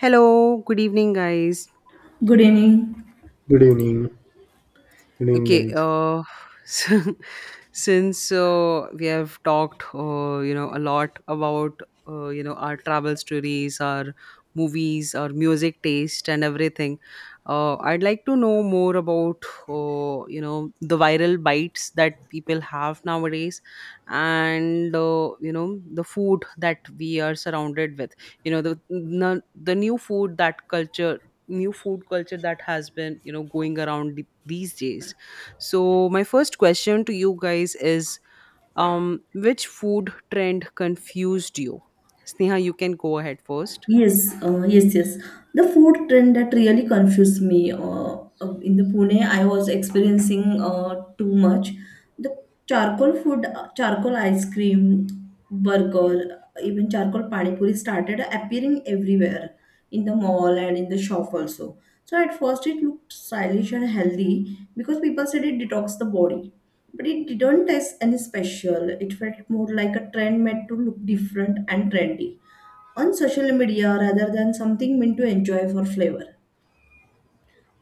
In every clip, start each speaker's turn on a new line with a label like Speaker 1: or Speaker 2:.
Speaker 1: Hello, good evening, guys.
Speaker 2: Good evening.
Speaker 3: Good evening. Good evening,
Speaker 1: Okay,
Speaker 3: guys.
Speaker 1: uh, so- since we have talked, a lot about our travel stories, our movies, our music taste, and everything, I'd like to know more about the viral bites that people have nowadays, and the food that we are surrounded with. You know the new food that culture new food culture that has been going around these days. So my first question to you guys is, which food trend confused you? Sneha, you can go ahead first.
Speaker 2: Yes. The food trend that really confused me. In the Pune, I was experiencing too much. The charcoal food, charcoal ice cream, burger, even charcoal pani puri started appearing everywhere in the mall and in the shop also. So at first it looked stylish and healthy because people said it detox the body. But it didn't taste any special. It felt more like a trend made to look different and trendy on social media rather than something meant to enjoy for flavor.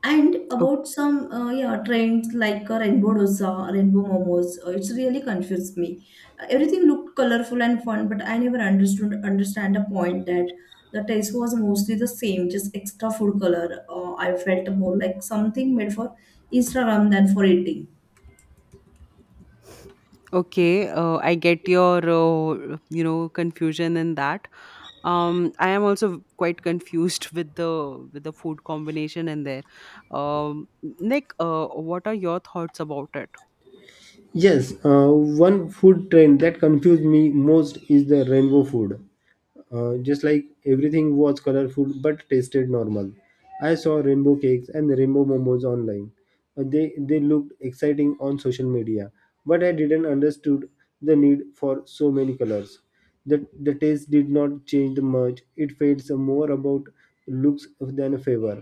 Speaker 2: And
Speaker 1: O-
Speaker 2: about some yeah trends like rainbow dosa, rainbow momos, it's really confused me. Everything looked colorful and fun, but I never understood understand a point that the taste was mostly the same, just extra food color. I felt more like something made for Instagram than for eating.
Speaker 1: Okay, I get your confusion in that. I am also quite confused with the food combination in there. Nick, what are your thoughts about it?
Speaker 3: Yes, one food trend that confused me most is the rainbow food. Just like everything was colorful but tasted normal. I saw rainbow cakes and rainbow momos online. They looked exciting on social media, but I didn't understood the need for so many colors. The taste did not change much. It felt more about looks than flavor.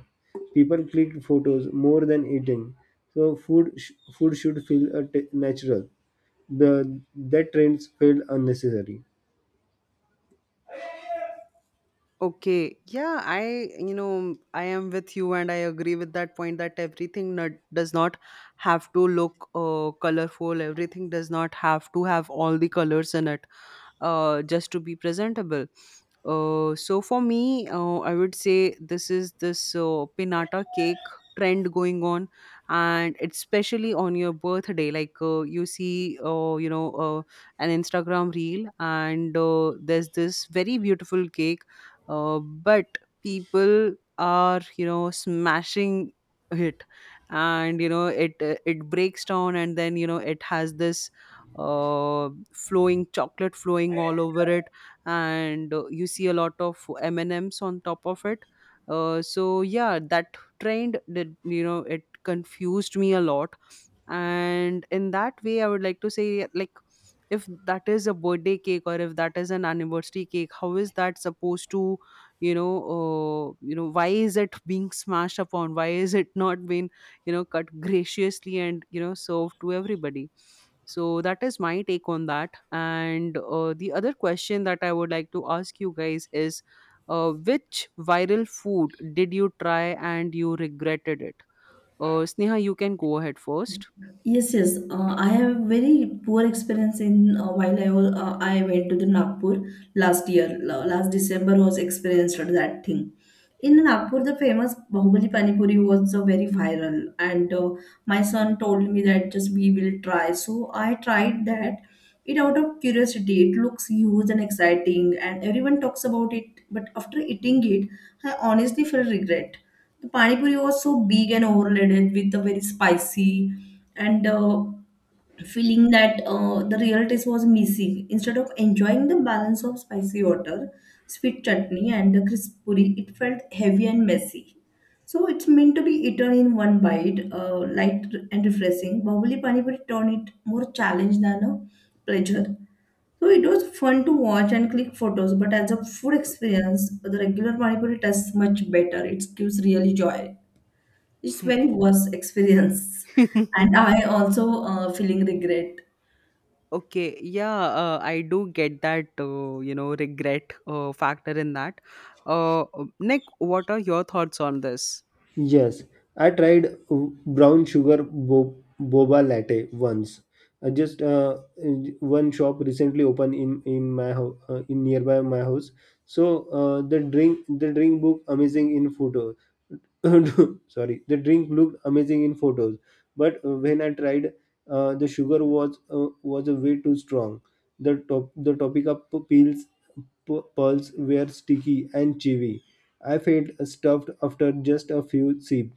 Speaker 3: People clicked photos more than eating. So food should feel natural. The That trends felt unnecessary.
Speaker 1: Okay, yeah, I, you know, I am with you and I agree with that point that everything not, does not have to look colorful. Everything does not have to have all the colors in it, just to be presentable. So for me, I would say this is this pinata cake trend going on, and especially on your birthday, like, you see, an Instagram reel, and there's this very beautiful cake, but people are, you know, smashing it, and you know, it it breaks down, and then you know, it has this flowing chocolate flowing all over it, and you see a lot of m&ms on top of it, so yeah, that trend did, you know, it confused me a lot. And in that way I would like to say, like, if that is a birthday cake or if that is an anniversary cake, how is that supposed to, you know, why is it being smashed upon, why is it not being, you know, cut graciously and, you know, served to everybody? So that is my take on that. And the other question that I would like to ask you guys is, which viral food did you try and you regretted it? Sneha, you can go ahead first.
Speaker 2: Yes. I have very poor experience in I went to the Nagpur last year. Last December was experienced that thing. In Nagpur, the famous Bahubali Pani Puri was very viral, and my son told me that just we will try. So I tried that. It out of curiosity, it looks huge and exciting, and everyone talks about it. But after eating it, I honestly feel regret the pani puri was so big and overloaded with the very spicy and feeling that the real taste was missing. Instead of enjoying the balance of spicy water, sweet chutney, and the crisp puri, it felt heavy and messy. So it's meant to be eaten in one bite, light and refreshing. Bahubali Pani Puri turned it more challenge than a pleasure. So it was fun to watch and click photos, but as a food experience, the regular Panipuri tastes much better. It gives really joy. It's very worse experience, and I also feeling regret.
Speaker 1: Okay, yeah, I do get that, you know, regret factor in that. Uh, Nick, what are your thoughts on this?
Speaker 3: Yes, I tried boba latte once. I just one shop recently opened in my ho- in nearby my house. So the drink book amazing in photos. Sorry, the drink looked amazing in photos, but when I tried the sugar was a way too strong. The topica p- peels p- pearls were sticky and chewy. I felt stuffed after just a few sips,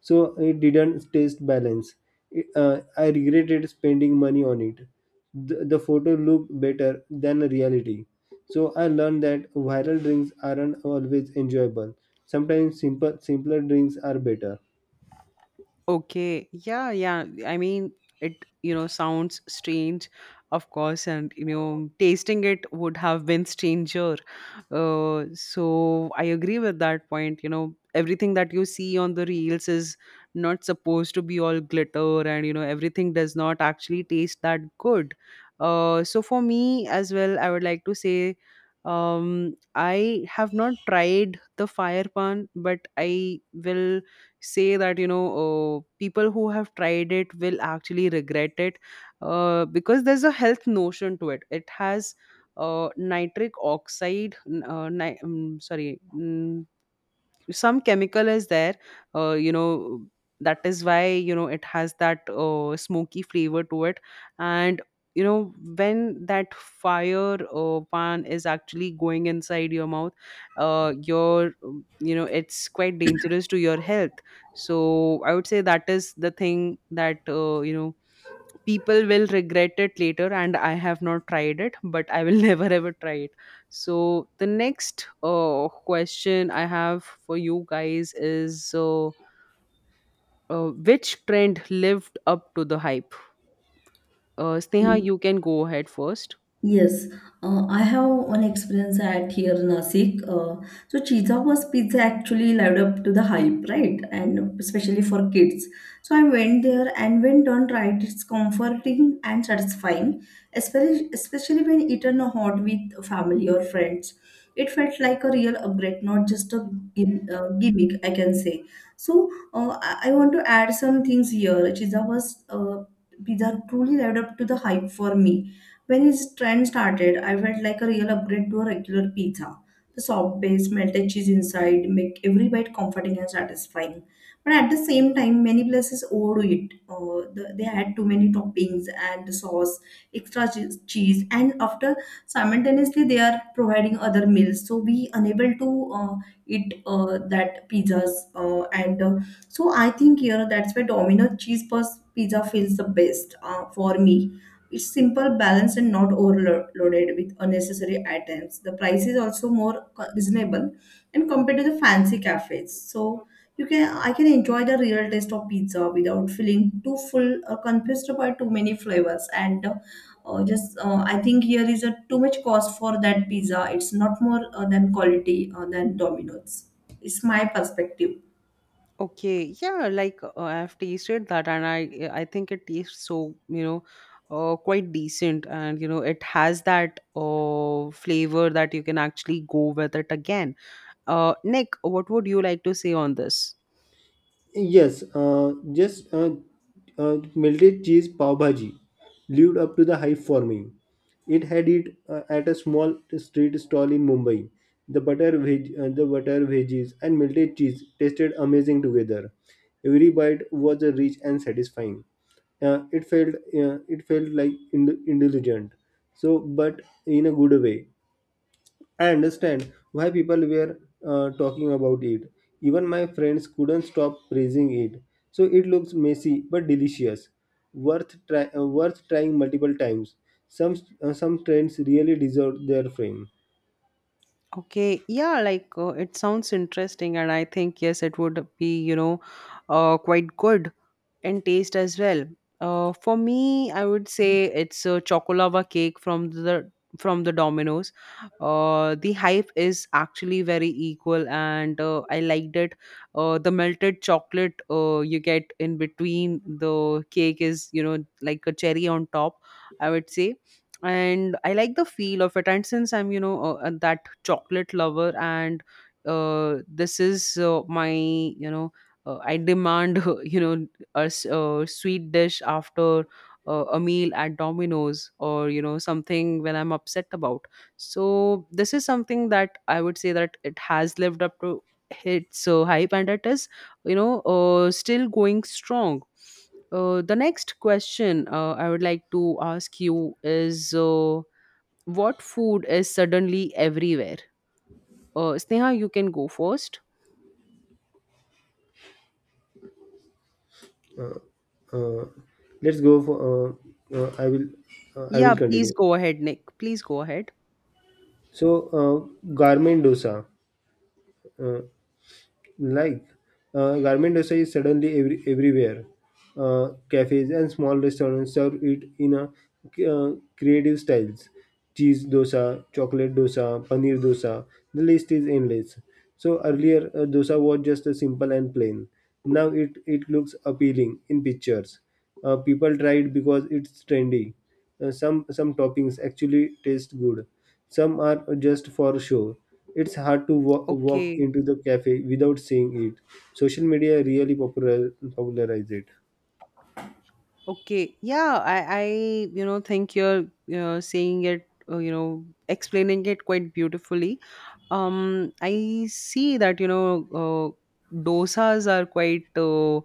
Speaker 3: so it didn't taste balanced. I regretted spending money on it. The photo looked better than reality. So I learned that viral drinks aren't always enjoyable. Sometimes simpler drinks are better.
Speaker 1: Okay, yeah, yeah. I mean, it, you know, sounds strange, of course, and, you know, tasting it would have been stranger. So I agree with that point. You know, everything that you see on the reels is not supposed to be all glitter, and, you know, everything does not actually taste that good. So for me as well, I would like to say, I have not tried the fire pan, but I will say that, you know, people who have tried it will actually regret it, because there's a health notion to it. It has nitric oxide, sorry, some chemical is there, you know, that is why, you know, it has that smoky flavor to it. And you know, when that fire pan is actually going inside your mouth, you know, it's quite dangerous to your health. So I would say that is the thing that, you know, people will regret it later. And I have not tried it, but I will never ever try it. So the next question I have for you guys is, which trend lived up to the hype? Sneha, you can go ahead first.
Speaker 2: Yes, I have one experience at here in Nasik. So Chichago's pizza actually lived up to the hype, right? And especially for kids. So I went there, and when done right, it's comforting and satisfying, especially when eaten hot with family or friends. It felt like a real upgrade, not just a gimmick, I can say. So I want to add some things here. Chichago's pizza truly lived up to the hype for me when his trend started, I felt like a real upgrade to a regular pizza. The soft base, melted cheese inside, make every bite comforting and satisfying. But at the same time, many places overdo it. They add too many toppings, add the sauce, extra cheese, and after simultaneously they are providing other meals, so we unable to eat that pizzas. And so I think here that's where Domino cheese puff pizza feels the best for me it's simple, balanced, and not overloaded with unnecessary items. The price is also reasonable and compared to the fancy cafes. So you can I can enjoy the real taste of pizza without feeling too full or confused by too many flavors. And just I think here is a too much cost for that pizza. It's not more than quality than Domino's. It's my perspective.
Speaker 1: Okay, yeah, like, I've tasted that, and I think it tastes so, you know, quite decent, and you know, it has that flavor that you can actually go with it again. Nick, what would you like to say on this?
Speaker 3: Yes, just melted cheese pav bhaji lived up to the hype for me. It had it at a small street stall in Mumbai. The butter veggies and melted cheese tasted amazing together. Every bite was rich and satisfying. It felt like indulgent. So, but in a good way. I understand why people were talking about it. Even my friends couldn't stop praising it. So it looks messy but delicious, worth trying multiple times. Some some trends really deserve their fame.
Speaker 1: Okay, yeah, like, it sounds interesting, and I think yes, it would be, you know, quite good, and taste as well. For me, I would say it's a chocolava cake from the Domino's. The hype is actually very equal, and I liked it. The melted chocolate you get in between the cake is, you know, like a cherry on top, I would say. And I like the feel of it, and since I'm, you know, that chocolate lover, and this is my, you know, I demand, you know, a sweet dish after a meal at Domino's, or you know, something when I'm upset about. So this is something that I would say that it has lived up to its hype, and it is, you know, still going strong. The next question I would like to ask you is, what food is suddenly everywhere? Sneha, you can go first.
Speaker 3: Uh, let's go for. Uh, I will I will
Speaker 1: Yeah, please
Speaker 3: continue.
Speaker 1: go ahead, Nick, please go ahead.
Speaker 3: So garment dosa. Uh, like garment dosa is suddenly everywhere, cafes and small restaurants serve it in a creative styles, cheese dosa, chocolate dosa, paneer dosa. The list is endless. So earlier dosa was just a simple and plain. Now it looks appealing in pictures. Uh, people try it because it's trendy. Some toppings actually taste good. Some are just for show. It's hard to walk
Speaker 1: Okay.
Speaker 3: into the cafe without seeing it. Social media really popularize it.
Speaker 1: Okay, yeah, I you know, think you're saying it, you know, explaining it quite beautifully. I see that, you know, dosas are quite uh,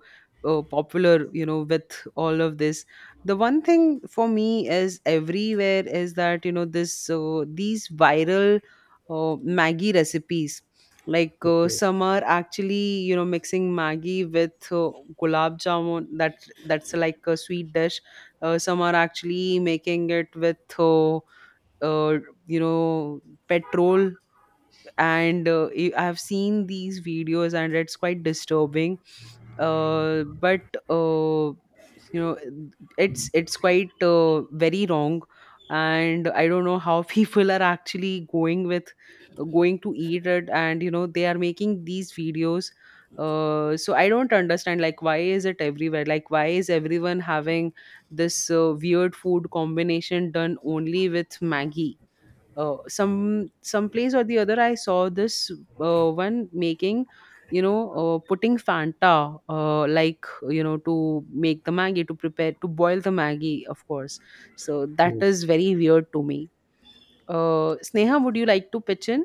Speaker 1: uh, popular, you know, with all of this. The one thing for me is everywhere is that, you know, this these viral, Maggi recipes. Like,
Speaker 3: Okay.
Speaker 1: some are actually, you know, mixing Maggi with, gulab jamun. That's like a sweet dish. Some are actually making it with, uh, you know, petrol. And I have seen these videos, and it's quite disturbing, but, uh, you know, it's quite very wrong. And I don't know how people are actually going with, going to eat it, and you know, they are making these videos. So I don't understand, like, why is it everywhere, like, why is everyone having this weird food combination done only with Maggie. Some some place or the other, I saw this one making, you know, putting Fanta, like, you know, to make the Maggie, to prepare, to boil the Maggie, of course. So that
Speaker 3: Yes.
Speaker 1: is very weird to me. Sneha, would you like to pitch in?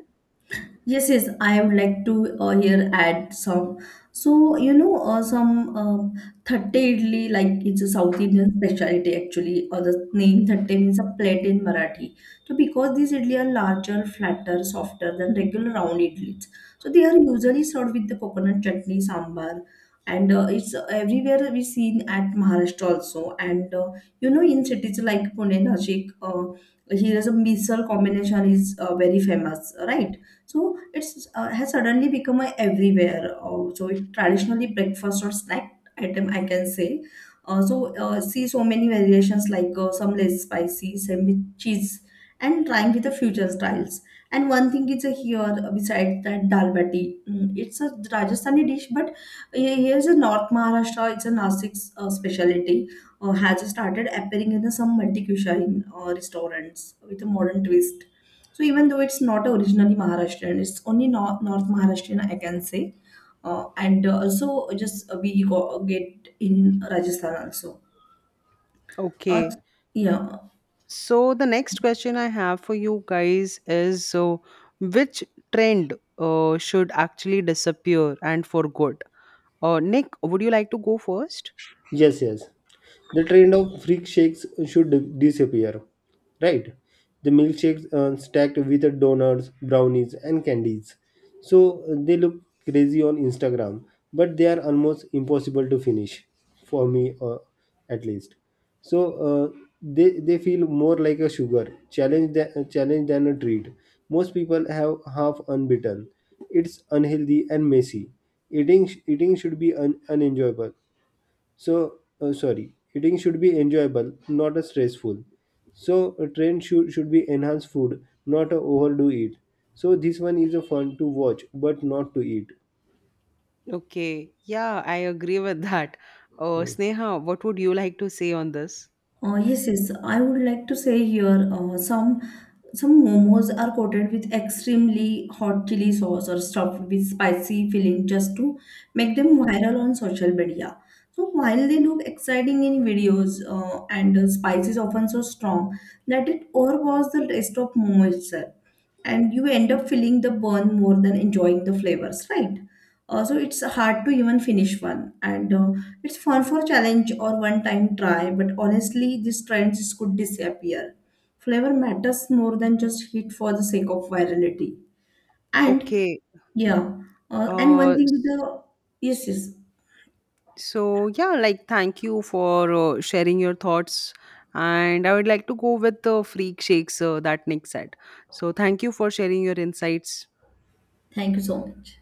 Speaker 2: Yes, I would like to here add some. So, you know, some thatte idli, like it's a South Indian specialty actually, or the name thatte means a plate in Marathi. So, because these idli are larger, flatter, softer than regular round idlis, so they are usually served with the coconut chutney, sambar, and it's everywhere we seen at Maharashtra also. And you know, in cities like Pune, Nashik, here is a misal combination is very famous, right? So it's has suddenly become a everywhere, so it traditionally breakfast or snack item I can say. uh, so See so many variations like some less spicy, some with cheese and trying with the future styles. And one thing is, here besides that dal bati. Mm, it's a Rajasthani dish, but here's a North Maharashtra, it's a Nasik specialty, has started appearing in some multi-cuisine restaurants with a modern twist. So even though it's not originally Maharashtrian, it's only North, North Maharashtrian, I can say. And also just we go, get in Rajasthan also. Uh,
Speaker 1: Okay,
Speaker 2: yeah,
Speaker 1: so the next question I have for you guys is, so, which trend should actually disappear and for good? Nick, would you like to go first?
Speaker 3: Yes, yes. The trend of freak shakes should disappear, right? The milkshakes are stacked with donuts, brownies, and candies. So they look crazy on Instagram, but they are almost impossible to finish, for me at least. So they feel more like a sugar challenge than a treat. Most people have half unbeaten. It's unhealthy and messy. Eating should be unenjoyable, sorry, eating should be enjoyable, not a stressful. So a trend should be enhanced food, not a overdo it. So this one is a fun to watch, but not to eat.
Speaker 1: Okay, yeah, I agree with that. Sneha, what would you like to say on this?
Speaker 2: yes. I would like to say here some momos are coated with extremely hot chili sauce or stuffed with spicy filling just to make them viral on social media. So while they look exciting in videos and the spice is often so strong that it overpowers the taste of momo itself, and you end up feeling the burn more than enjoying the flavors, right? So it's hard to even finish one, and it's fun for challenge or one-time try. But honestly, these trends could disappear. Flavor matters more than just heat for the sake of virality. And
Speaker 1: Okay.
Speaker 2: yeah, and one
Speaker 1: Uh,
Speaker 2: thing with
Speaker 1: s-
Speaker 2: the yes, yes.
Speaker 1: so yeah, like, thank you for sharing your thoughts. And I would like to go with the freak shakes that Nick said. So thank you for sharing your insights.
Speaker 2: Thank you so much.